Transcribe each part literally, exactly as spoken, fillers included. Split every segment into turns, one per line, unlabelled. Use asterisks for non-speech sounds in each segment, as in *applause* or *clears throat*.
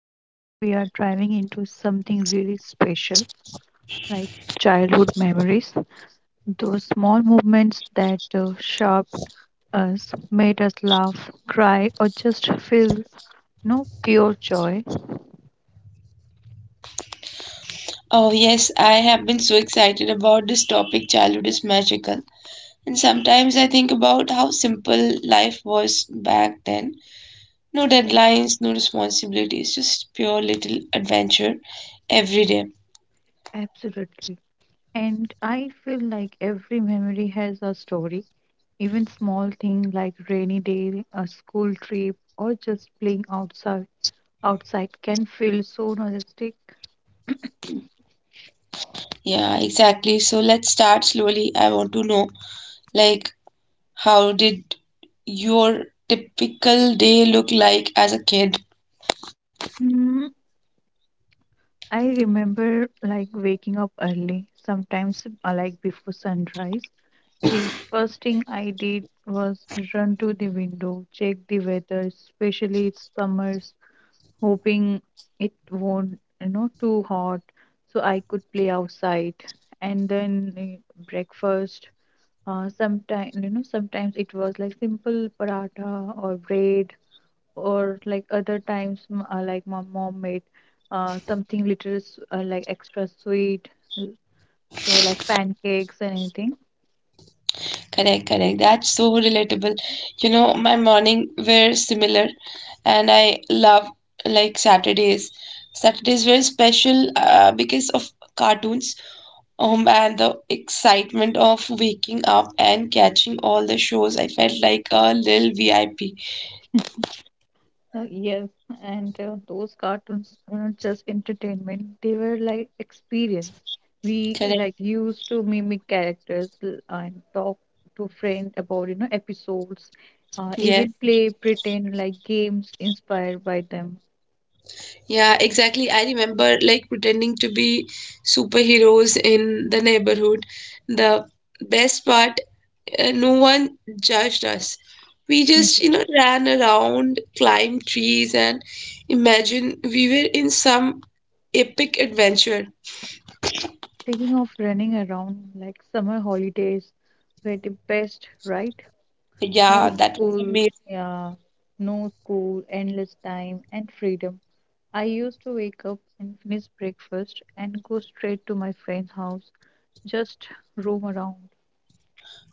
Today we are driving into something really special like childhood memories, those small movements that uh, shaped us, made us laugh, cry, or just feel no pure joy.
Oh, yes, I have been so excited about this topic. Childhood is magical. And sometimes I think about how simple life was back then. No deadlines, no responsibilities, just pure little adventure every day.
Absolutely. And I feel like every memory has a story, even small thing like rainy day, a school trip, or just playing outside outside can feel so nostalgic.
Yeah, exactly. So let's start slowly. I want to know, like, how did your typical day look like as a kid?
Mm, I remember like waking up early, sometimes uh, like before sunrise. The first thing I did was run to the window, check the weather, especially it's summers, hoping it won't, you know, too hot, so I could play outside. And then eh, breakfast. Uh, sometimes you know, sometimes it was like simple paratha or bread or like other times m- uh, like my mom made uh, something little s- uh, like extra sweet l- so like pancakes and anything.
Correct, correct. That's so relatable. You know, my morning were similar, and I love like Saturdays. Saturdays were special uh, because of cartoons, um, and the excitement of waking up and catching all the shows. I felt like a little V I P.
*laughs* So yes, and uh, those cartoons were not just entertainment, they were like experience. We
Correct.
like used to mimic characters l- and talk to friends about you know episodes, uh,
Yes.
even play pretend like games inspired by them.
Yeah, exactly. I remember like pretending to be superheroes in the neighborhood. The best part. Uh, no one judged us. We
Hmm.
just, you know, ran around, climbed trees, and imagine we were in some epic adventure.
Speaking of running around like summer holidays were the best, right?
Yeah,
No
that was
school,
amazing.
yeah, no school, endless time and freedom. I used to wake up and finish breakfast and go straight to my friend's house, just roam around.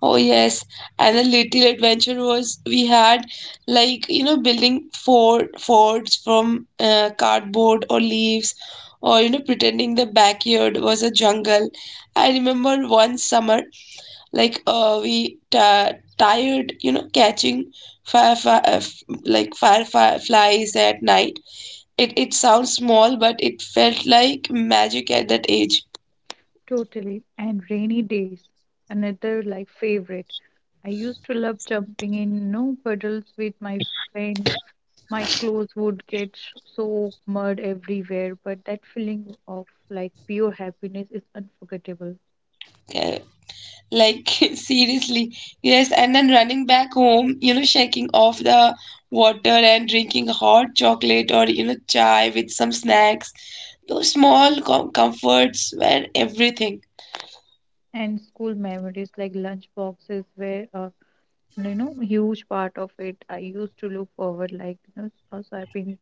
Oh, yes. And a little adventure was we had like, you know, building fort, forts from uh, cardboard or leaves, or, you know, pretending the backyard was a jungle. I remember one summer like uh we ta tired you know catching fire, fire like fireflies at night. It it sounds small, but it felt like magic at that age.
Totally. And rainy days, another like favorite. I used to love jumping in no puddles with my friends. My clothes would get sh- soaked, mud everywhere, but that feeling of like pure happiness is unforgettable.
Uh, like, *laughs* seriously, yes. And then running back home, you know, shaking off the water and drinking hot chocolate or, you know, chai with some snacks. Those small com- comforts were everything.
And school memories like lunch boxes were a you know huge part of it. I used to look forward like you know s- swapping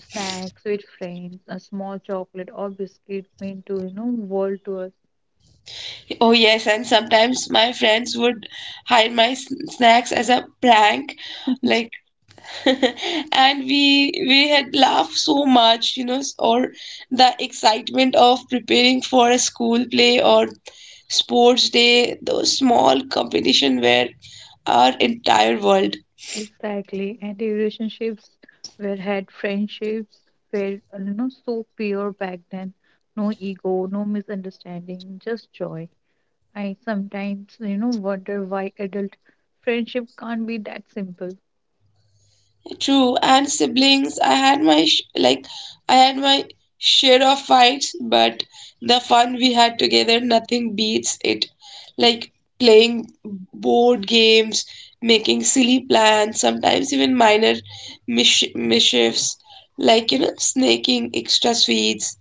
snacks with friends, a small chocolate or biscuit meant to you know world to us.
Oh, yes, and sometimes my friends would hide my s- snacks as a prank, like, *laughs* and we we had laughed so much, you know, s- or the excitement of preparing for a school play or sports day. Those small competition were our entire world.
Exactly, and the relationships were had friendships were uh, you know so pure back then. No ego, no misunderstanding, just joy. I sometimes you know wonder why adult friendship can't be that simple.
True, and siblings, I had my sh- like I had my share of fights, but the fun we had together, nothing beats it. Like playing board games, making silly plans, sometimes even minor mish- mischiefs, like you know, snaking extra sweets.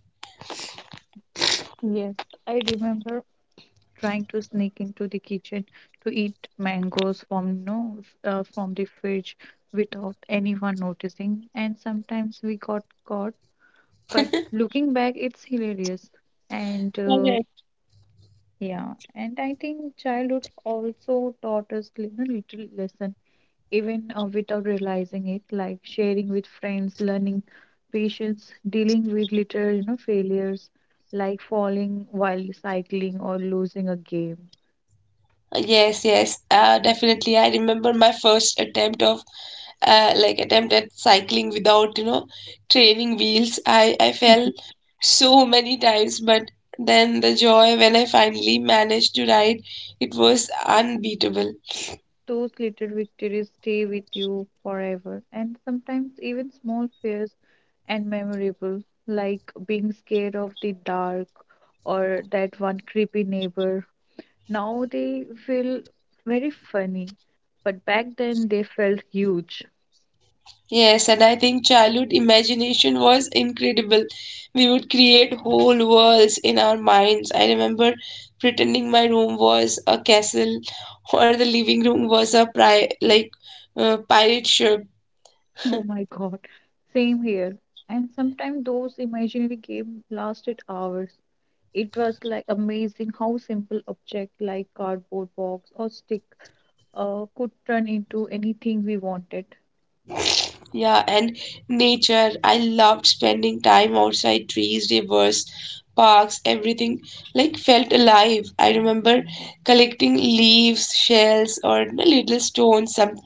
Yes, I remember trying to sneak into the kitchen to eat mangoes from no know uh, from the fridge without anyone noticing, and sometimes we got caught. But looking back, it's hilarious. And. Uh, Yeah, and I think childhood also taught us li- a little lesson, even uh, without realizing it, like sharing with friends, learning patience, dealing with little, you know, failures, like falling while cycling or losing a game.
Yes, yes, uh, definitely. I remember my first attempt of uh, like attempt at cycling without, you know, training wheels. I I fell so many times, but then the joy when I finally managed to ride, it was unbeatable.
Those little victories stay with you forever, and sometimes even small fears and memorable, like being scared of the dark or that one creepy neighbor. Now they feel very funny, but back then they felt huge.
Yes, and I think childhood imagination was incredible. We would create whole worlds in our minds. I remember pretending my room was a castle *laughs* or the living room was a pri like uh, pirate ship.
*laughs* Oh my god, same here. And sometimes those imaginary games lasted hours. It was like amazing how simple object like cardboard box or stick uh, could turn into anything we wanted.
Yeah, and nature. I loved spending time outside, trees, rivers, parks, everything like felt alive. I remember collecting leaves, shells, or little stones. Some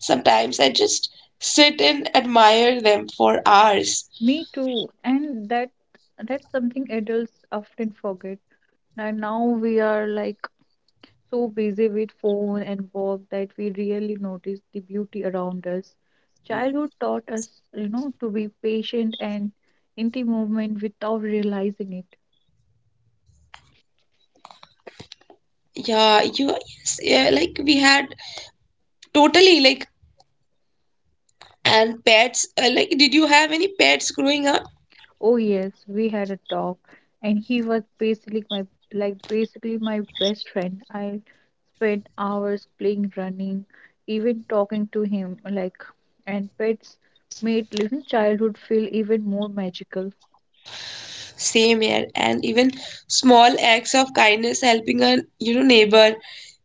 Sometimes I just sit and admire them for hours.
Me too, and that that's something adults often forget. And now we are like so busy with phone and work that we really notice the beauty around us. Childhood taught us, you know, to be patient and in the moment without realizing it.
Yeah, you yes, yeah, like we had totally like, and pets. Uh, like, did you have any pets growing up?
Oh yes, we had a talk, and he was basically my like basically my best friend. I spent hours playing, running, even talking to him. Like, and pets made little childhood feel even more magical.
Same here. And even small acts of kindness, helping a you know neighbor,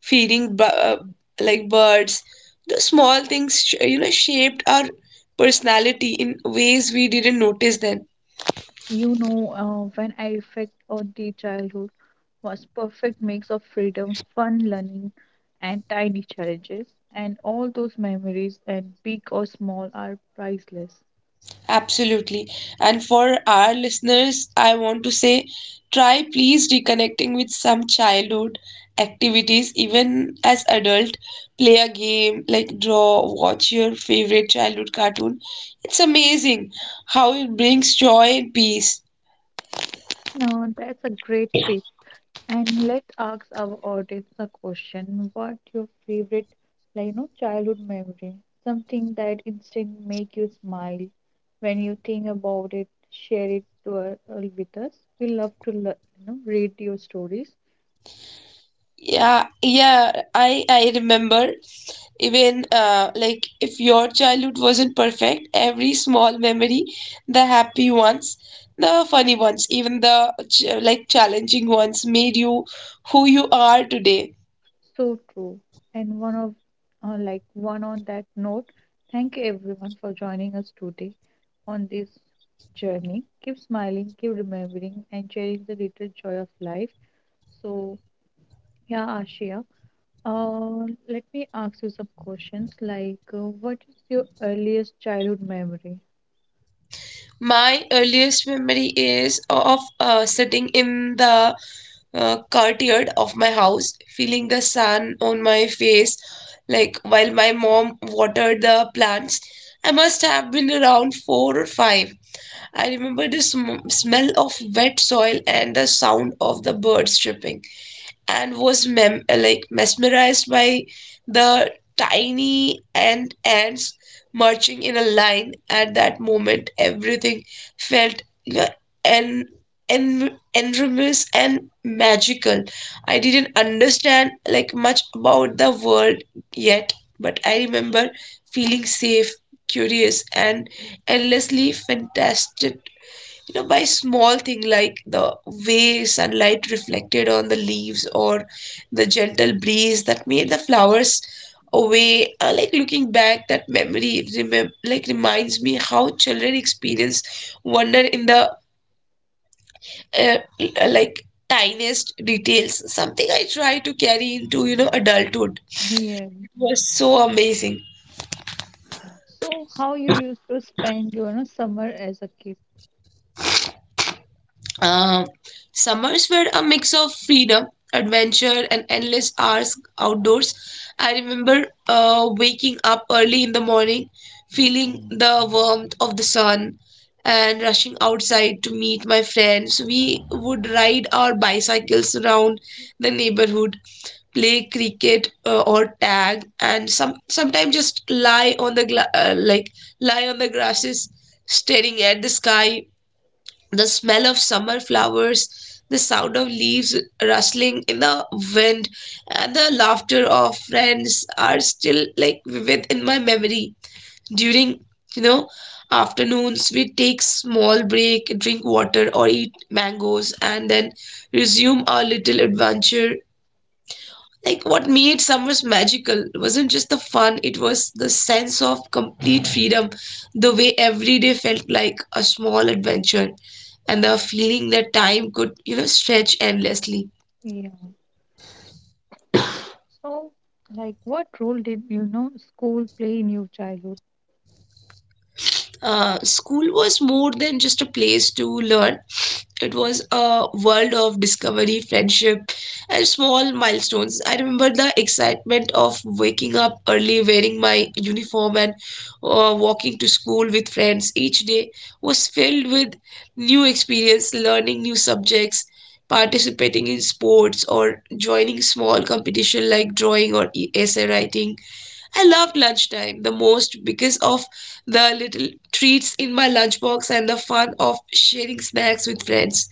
feeding bu- uh, like birds. Those small things sh- you know, shaped our personality in ways we didn't notice then.
you know uh, When I reflect on the childhood was perfect mix of freedom, fun learning and tiny challenges and all those memories and big or small are priceless.
Absolutely. And for our listeners, I want to say, try please reconnecting with some childhood activities, even as adult. Play a game, like draw, watch your favorite childhood cartoon. It's amazing how it brings joy and peace.
Now that's a great tip. And let's ask our audience a question. What your favorite like you know childhood memory? Something that instant make you smile when you think about it, share it to uh, uh, with us. We love to lear- you know read your stories.
Yeah, yeah, I I remember, even uh, like, if your childhood wasn't perfect, every small memory, the happy ones, the funny ones, even the ch like challenging ones made you who you are today.
So true. And one of uh, like one on that note, thank everyone for joining us today on this journey. Keep smiling, keep remembering, and sharing the little joy of life. So yeah, Ashia, uh, let me ask you some questions. Like, uh, what is your earliest childhood memory?
My earliest memory is of uh, sitting in the uh, courtyard of my house, feeling the sun on my face, like while my mom watered the plants. I must have been around four or five. I remember the sm- smell of wet soil and the sound of the birds chirping, and was mem- uh, like mesmerized by the tiny and ants marching in a line. At that moment, everything felt, you know, en- en- enormous and magical. I didn't understand like much about the world yet, but I remember feeling safe, curious, and endlessly fantastic, you know, by small thing, like the way sunlight reflected on the leaves or the gentle breeze that made the flowers away. Uh, like, looking back, that memory remem- like reminds me how children experience wonder in the uh, uh, like tiniest details, something I try to carry into, you know, adulthood.
*laughs* Yeah.
It was so amazing.
So how you used to spend your you know, summer as a kid?
Uh, Summers were a mix of freedom, adventure, and endless hours outdoors. I remember uh, waking up early in the morning, feeling the warmth of the sun, and rushing outside to meet my friends. We would ride our bicycles around the neighborhood, play cricket uh, or tag, and some sometimes just lie on the gla- uh, like lie on the grasses, staring at the sky. The smell of summer flowers, the sound of leaves rustling in the wind, and the laughter of friends are still like vivid in my memory. During, you know, afternoons, we take small break, drink water, or eat mangoes, and then resume our little adventure. Like, what made summers magical wasn't just the fun, it was the sense of complete freedom, the way every day felt like a small adventure, and the feeling that time could, you know, stretch endlessly.
Yeah. So like, what role did you know school play in your childhood?
Uh, school was more than just a place to learn. It was a world of discovery, friendship, and small milestones. I remember the excitement of waking up early, wearing my uniform, and uh, walking to school with friends. Each day was filled with new experience, learning new subjects, participating in sports, or joining small competition like drawing or e- essay writing. I loved lunchtime the most because of the little treats in my lunchbox and the fun of sharing snacks with friends.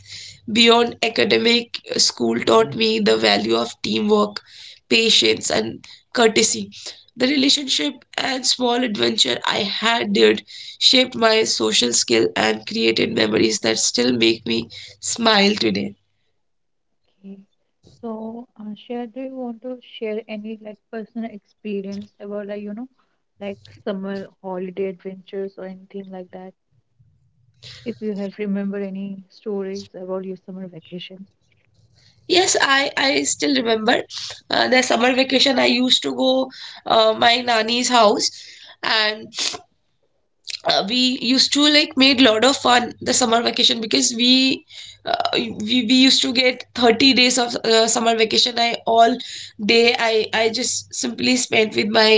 Beyond academic, school taught me the value of teamwork, patience, and courtesy. The relationship and small adventure I had there shaped my social skill and created memories that still make me smile today.
Okay. So, uh, share, do you want to share any like personal experience about like you know, like summer holiday adventures or anything like that? If you have remember any stories about your summer vacations.
Yes, I, I still remember uh, the summer vacation I used to go uh, my nani's house, and uh, we used to like made lot of fun the summer vacation, because we uh, we, we used to get thirty days of uh, summer vacation. I all day i i just simply spent with my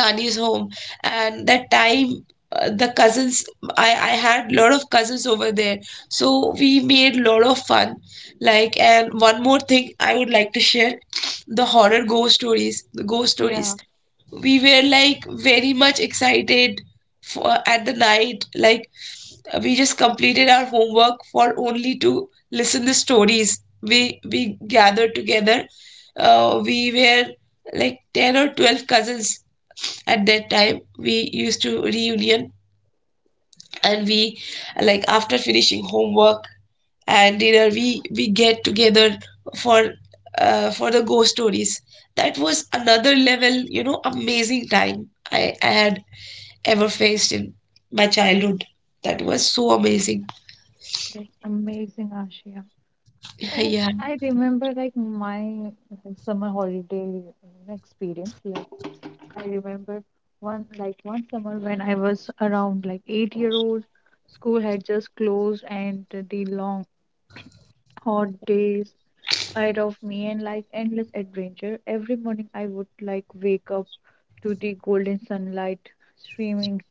nani's home. And that time, uh, the cousins, i i had lot of cousins over there, so we made lot of fun. Like, and one more thing I would like to share, the horror ghost stories, the ghost
Yeah.
stories. We were like very much excited for at the night, like, we just completed our homework for only to listen the stories. We we gathered together. Uh, we were like ten or twelve cousins at that time. We used to reunion, and we like after finishing homework and dinner, we we get together for uh, for the ghost stories. That was another level, you know, amazing time I, I had ever faced in my childhood. That was so amazing.
Okay. Amazing, Ashia. So
*laughs* Yeah.
I remember like my summer holiday uh, experience. Like I remember one like one summer when I was around like eight year old, school had just closed and the long *coughs* hot days ahead of me and like endless adventure. Every morning I would like wake up to the golden sunlight streaming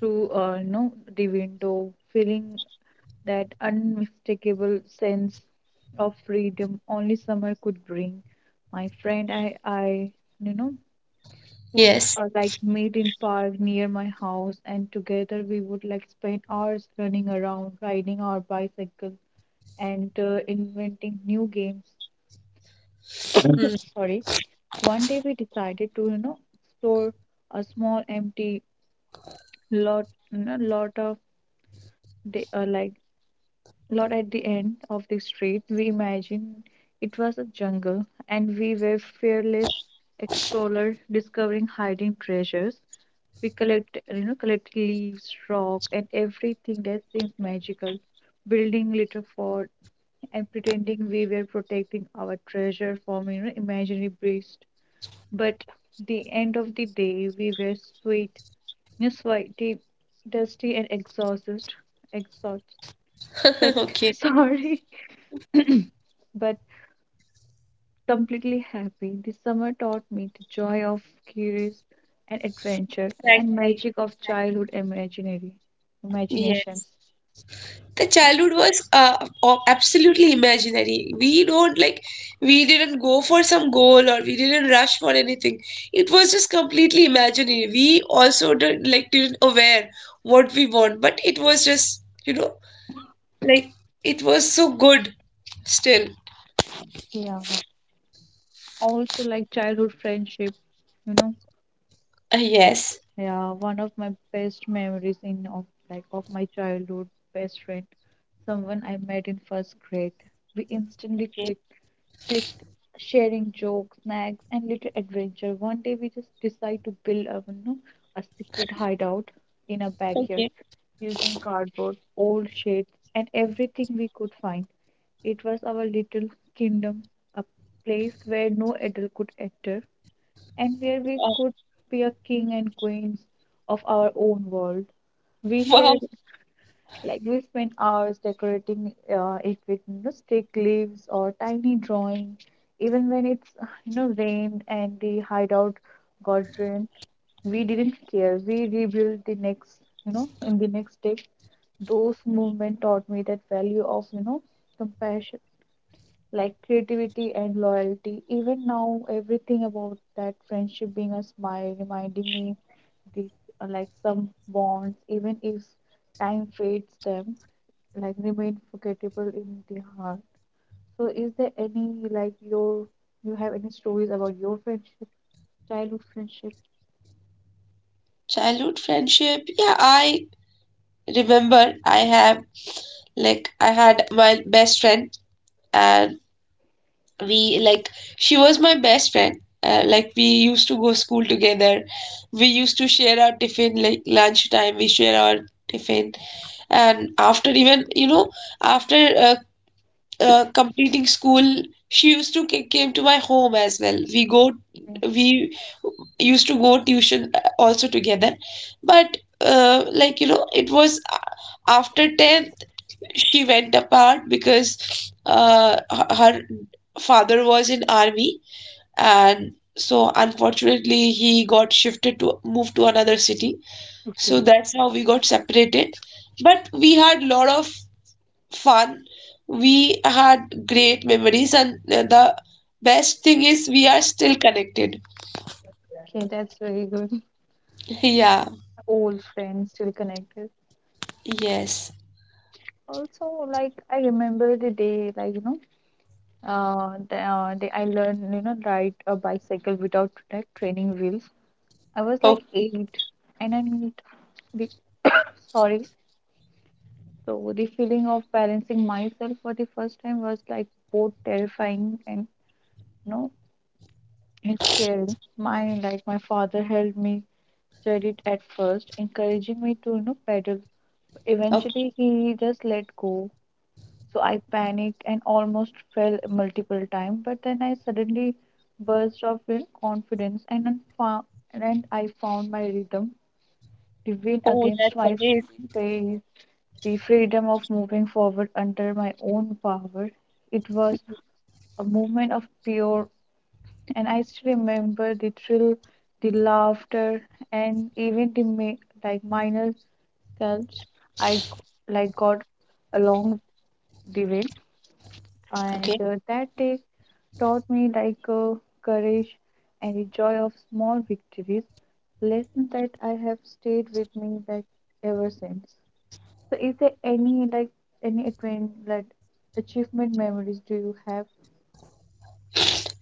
through uh no the window, feeling that unmistakable sense of freedom only summer could bring. My friend I I you know would
Yes.
uh, like meet in park near my house and together we would like spend hours running around riding our bicycle and uh, inventing new games.
Mm.
*clears throat* Sorry, one day we decided to you know explore a small empty lot you know, lot of day, uh, like lot at the end of the street. We imagined it was a jungle and we were fearless explorers discovering hiding treasures. We collect, you know, collect leaves, rock, and everything that seems magical, building little fort and pretending we were protecting our treasure from, you know, imaginary beast. But the end of the day, we were sweet you know, sweaty, dusty, and exhausted. Exhausted,
*laughs*
but
Okay.
*laughs* sorry. *clears throat* but completely happy. The summer taught me the joy of curious and adventure and
Exactly.
magic of childhood imaginary
Yes,
imaginations.
the childhood was uh, o- absolutely imaginary. We don't like, we didn't go for some goal or we didn't rush for anything. It was just completely imaginary. We also didn't like didn't aware what we want, but it was just you know like it was so good still.
Yeah. Also like childhood friendship, you know
Uh, yes.
Yeah, one of my best memories in of like of my childhood best friend, someone I met in first grade. We instantly
Okay.
clicked, clicked, sharing jokes, snacks, and little adventure. One day we just decide to build a, you know, a secret hideout in a backyard
Okay.
using cardboard, old shades, and everything we could find. It was our little kingdom, a place where no adult could enter and where we could
Um,
be a king and queens of our own world. We
wow.
shared, like, we spent hours decorating uh, it with you know, stick leaves or tiny drawing. Even when it's you know rained and the hideout got ruined, we didn't care. We rebuilt the next, you know, in the next day. Those movement taught me that value of you know compassion like creativity and loyalty. Even now, everything about that friendship being a smile, reminding me this uh, like some bonds, even if time fades them, like remain forgettable in the heart. So, is there any like your you have any stories about your friendship, childhood friendship?
Childhood friendship. Yeah, I remember I have like I had my best friend, and we like she was my best friend. Uh, like, we used to go school together. We used to share our tiffin, like lunch time we share our tiffin, and after, even you know, after uh, uh, completing school, she used to ca- came to my home as well. We go
Yeah.
we used to go tuition uh, also together. But uh, like, you know, it was uh, after ten she went apart, because uh, h- her father was in army, and so unfortunately he got shifted to move to another city. So
Okay.
that's how we got separated. But we had lot of fun. We had great memories, and uh, the best thing is we are still connected.
Okay, that's very good. *laughs*
*laughs* Yeah.
Old friends still connected.
Yes.
Also, like I remember the day, like you know. Uh, the, uh, the, I learned, you know, ride a bicycle without like training wheels. I was
Oh,
like eight, and I mean, the, sorry. So the feeling of balancing myself for the first time was like both terrifying and you know, and scary. My like my father helped me steadied at first, encouraging me to you know pedal.
okay.
Eventually, he just let go. So I panicked and almost fell multiple times, but then I suddenly burst of in confidence and, then fou- and then I found my rhythm, the wind
Oh,
against
that's
my
amazing.
face, the freedom of moving forward under my own power. It was a moment of pure, and I still remember the thrill, the laughter, and even the ma- like minor scalps I g- like got along the way, and
Okay.
uh, that day taught me like uh, courage and the joy of small victories, lessons that I have stayed with me like ever since. So is there any like any advent like achievement memories do you have?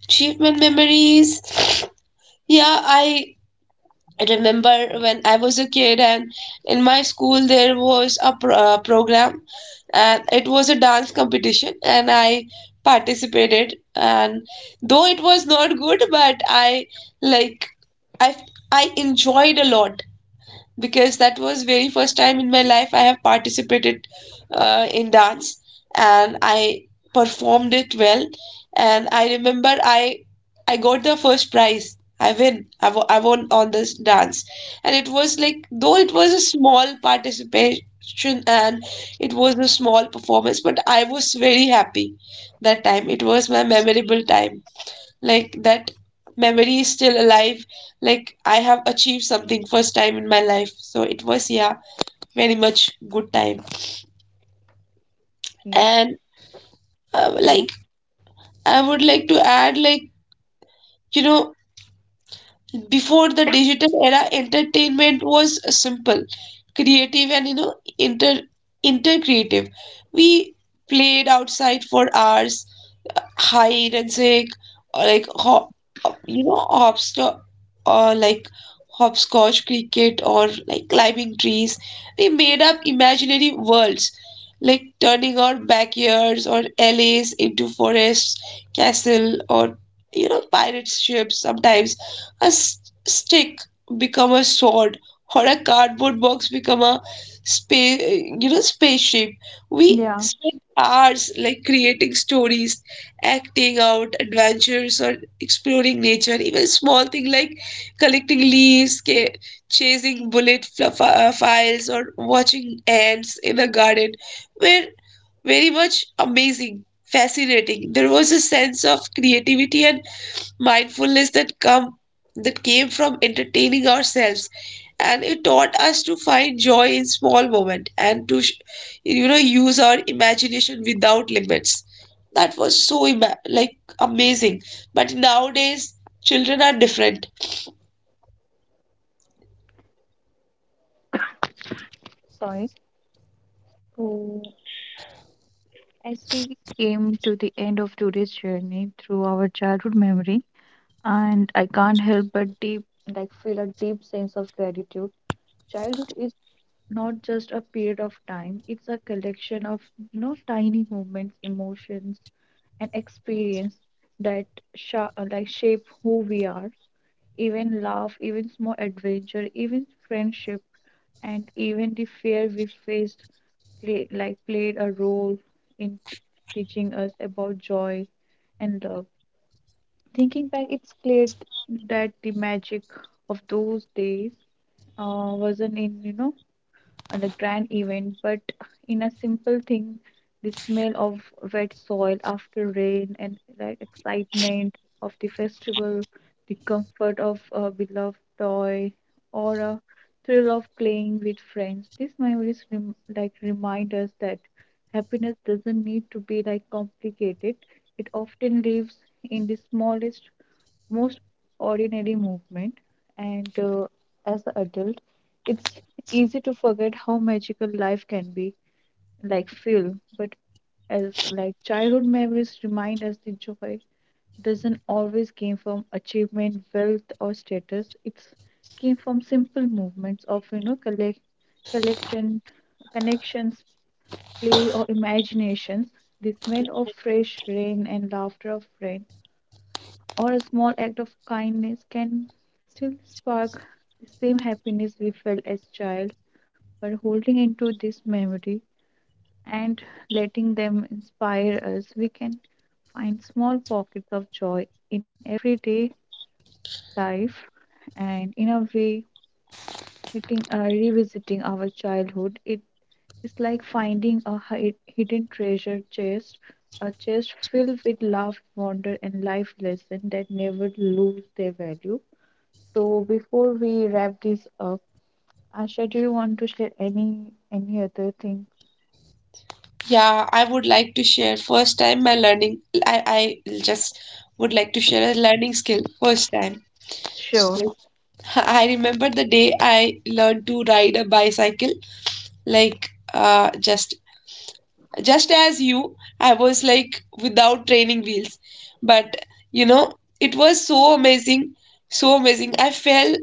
Achievement memories. Yeah, i I remember when I was a kid, and in my school there was a pro- uh, program, and it was a dance competition, and I participated. And though it was not good, but I like I I enjoyed a lot, because that was very first time in my life I have participated uh, in dance, and I performed it well. And I remember I I got the first prize. I win I, w I won on this dance. And it was like, though it was a small participation and it was a small performance, but I was very happy. That time, it was my memorable time. Like, that memory is still alive. Like, I have achieved something first time in my life, so it was, yeah, very much good time.
King?
And uh,
Yeah,
like I would like to add, like you know before the digital era, entertainment was simple, creative, and you know inter inter creative. We played outside for hours, hide and seek, or like ho- you know hopster, or like hopscotch, cricket, or like climbing trees. We made up imaginary worlds, like turning our backyards or alleys into forests, castle, or, you know, pirate ships. Sometimes a s- stick become a sword, or a cardboard box become a space you know spaceship. We
yeah.
spent hours like creating stories, acting out adventures, or exploring nature. Even small thing like collecting leaves, ca- chasing bullet fl- uh, files, or watching ants in a garden were very much amazing, fascinating. There was a sense of creativity and mindfulness that come that came from entertaining ourselves. And it taught us to find joy in small moment, and to sh- you know use our imagination without limits. That was so ima- like amazing. But nowadays children are different.
Sorry. So as we came to the end of today's journey through our childhood memory, and I can't help but deep like feel a deep sense of gratitude. Childhood is not just a period of time, it's a collection of you know tiny moments, emotions, and experience that sha- uh, like shape who we are. Even love, even small adventure, even friendship, and even the fear we faced play, like played a role in t- teaching us about joy and love. Thinking back, it's clear that the magic of those days uh, wasn't in you know or a grand event, but in a simple thing, the smell of wet soil after rain and the excitement of the festival, the comfort of a beloved toy, or a thrill of playing with friends. These memories rem- like remind us that happiness doesn't need to be like complicated. It often lives in the smallest, most ordinary movement. And uh, as an adult, it's easy to forget how magical life can be, like feel. But as like childhood memories remind us the joy doesn't always came from achievement, wealth or status. It's came from simple movements of you know collect collection connections, play or imaginations, the smell of fresh rain and laughter of friends or a small act of kindness can still spark the same happiness we felt as child. But holding into this memory and letting them inspire us we can find small pockets of joy in everyday life. And in a way hitting, uh, revisiting our childhood it is like finding a hi- hidden treasure chest, a chest filled with love, wonder and life lessons that never lose their value. So before we wrap this up, Asha, do you want to share any any other thing?
Yeah, I would like to share first time my learning. I, I just would like to share a learning skill first time.
Sure.
*laughs* I remember the day I learned to ride a bicycle, like uh, just just as you. I was like without training wheels, but you know it was so amazing. So amazing, I fell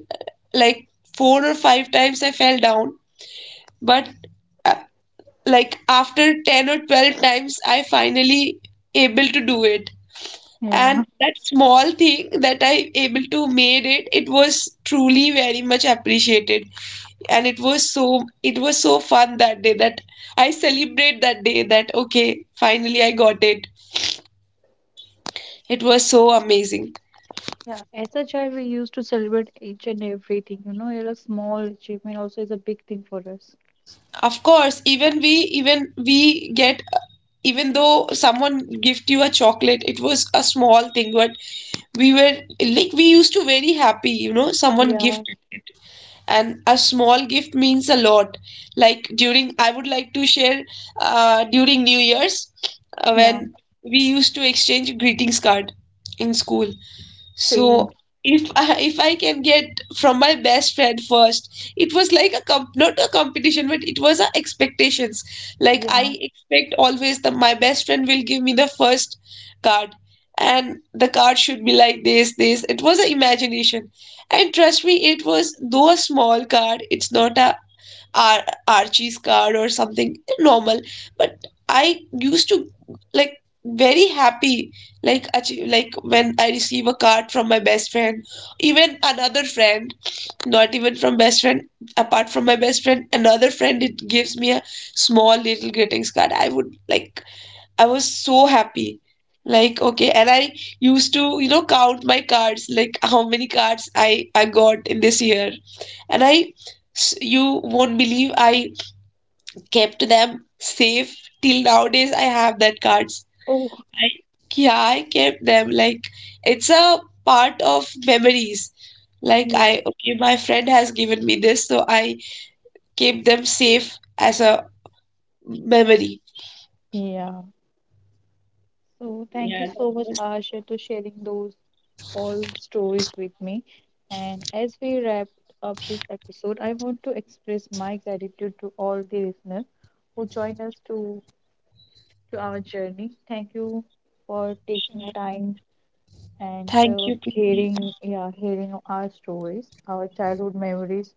like four or five times, I fell down. But uh, like after ten or twelve times, I finally able to do it.
Yeah.
And that small thing that I able to made it, it was truly very much appreciated. And it was so it was so fun that day that I celebrate that day that, okay, finally I got it. It was so amazing.
Yeah, as a child, we used to celebrate each and everything. You know, a small achievement also is a big thing for us.
Of course, even we even we get even though someone gift you a chocolate, it was a small thing, but we were, like, we used to very happy, you know, someone
Yeah.
gifted. And a small gift means a lot. Like during i would like to share uh, during new year's, uh, when
Yeah.
we used to exchange greetings card in school.
Same.
So, if I, if I can get from my best friend first, it was like a comp not a competition, but it was a expectations. Like,
Yeah.
I expect always that my best friend will give me the first card, and the card should be like this, this. It was an imagination, and trust me, it was though a small card. It's not a Ar- Archie's car or something normal. But I used to, like, very happy, like, achie- like when I receive a card from my best friend, even another friend, not even from best friend, apart from my best friend, another friend it gives me a small little greetings card. I would like I was so happy. Like, okay. And I used to, you know, count my cards, like how many cards I I got in this year. And I, you won't believe, I kept them safe till nowadays. I have that cards.
Oh,
I, yeah, I kept them. Like, it's a part of memories. Like,
yeah.
I, okay, my friend has given me this, so I kept them safe as a memory.
Yeah. So thank you
Yeah,
so
that
much,
was.
Asha, to sharing those all stories with me. And as we wrap up this episode, I want to express my gratitude to all the listeners who joined us to, to our journey. Thank you for taking time and
Thank
uh,
you, Preeti.
hearing yeah hearing our stories, our childhood memories,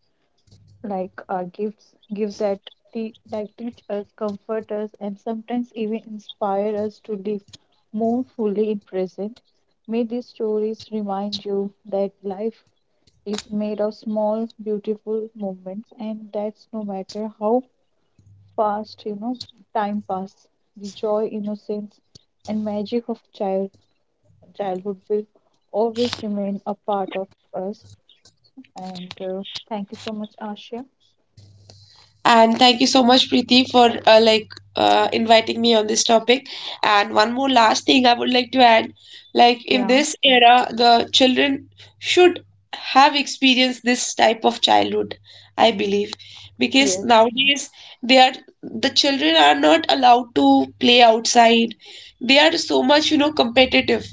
like uh, gifts give that te- like teach us, comfort us, and sometimes even inspire us to live more fully in present. May these stories remind you that life is made of small beautiful moments and that's no matter how fast you know time pass the joy innocence and magic of child childhood will always remain a part of us. And uh, thank you so much, Asha.
And thank you so much, Preeti, for uh, like uh, inviting me on this topic. And one more last thing I would like to add, like, in
Yeah.
this era, the children should have experienced this type of childhood, I believe, because
Yes.
nowadays they are the children are not allowed to play outside. They are so much, you know, competitive.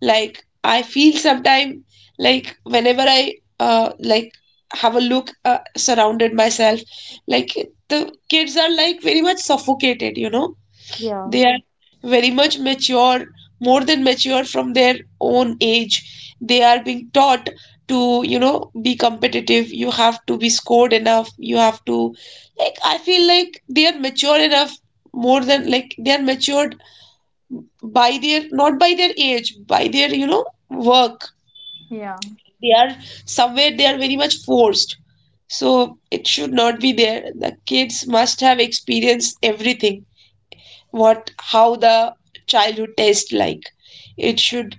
Like, I feel sometime, like, whenever I uh, like have a look, uh, surrounded myself, like, the kids are like very much suffocated, you know.
Yeah,
They are very much mature, more than mature from their own age. They are being taught to, you know, be competitive. You have to be scored enough. You have to, like, I feel like they are mature enough, more than, like, they are matured by their, not by their age, by their, you know, work.
yeah,
They are, somewhere they are very much forced, so it should not be there. The kids must have experienced everything, what how the childhood tastes like. It should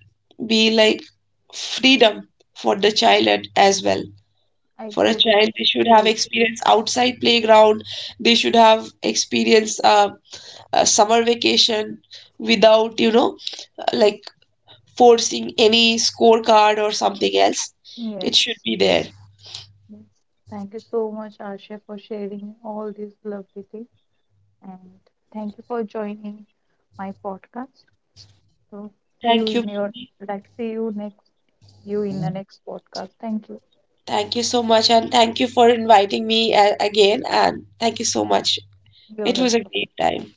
be like freedom for the child at- as well.
I
For a
totally
child, they should have
agree.
experience outside playground. They should have experience uh, a summer vacation, without, you know, like, forcing any scorecard or something else.
Yes,
It should be there.
yes. Thank you so much, Asha, for sharing all these lovely things, and thank you for joining my podcast. So, see you
Thank you.
in your like, see you next, you in the next podcast. Thank you.
Thank you so much. And thank you for inviting me a- again. And thank you so much.
You're
It was a
welcome.
great time.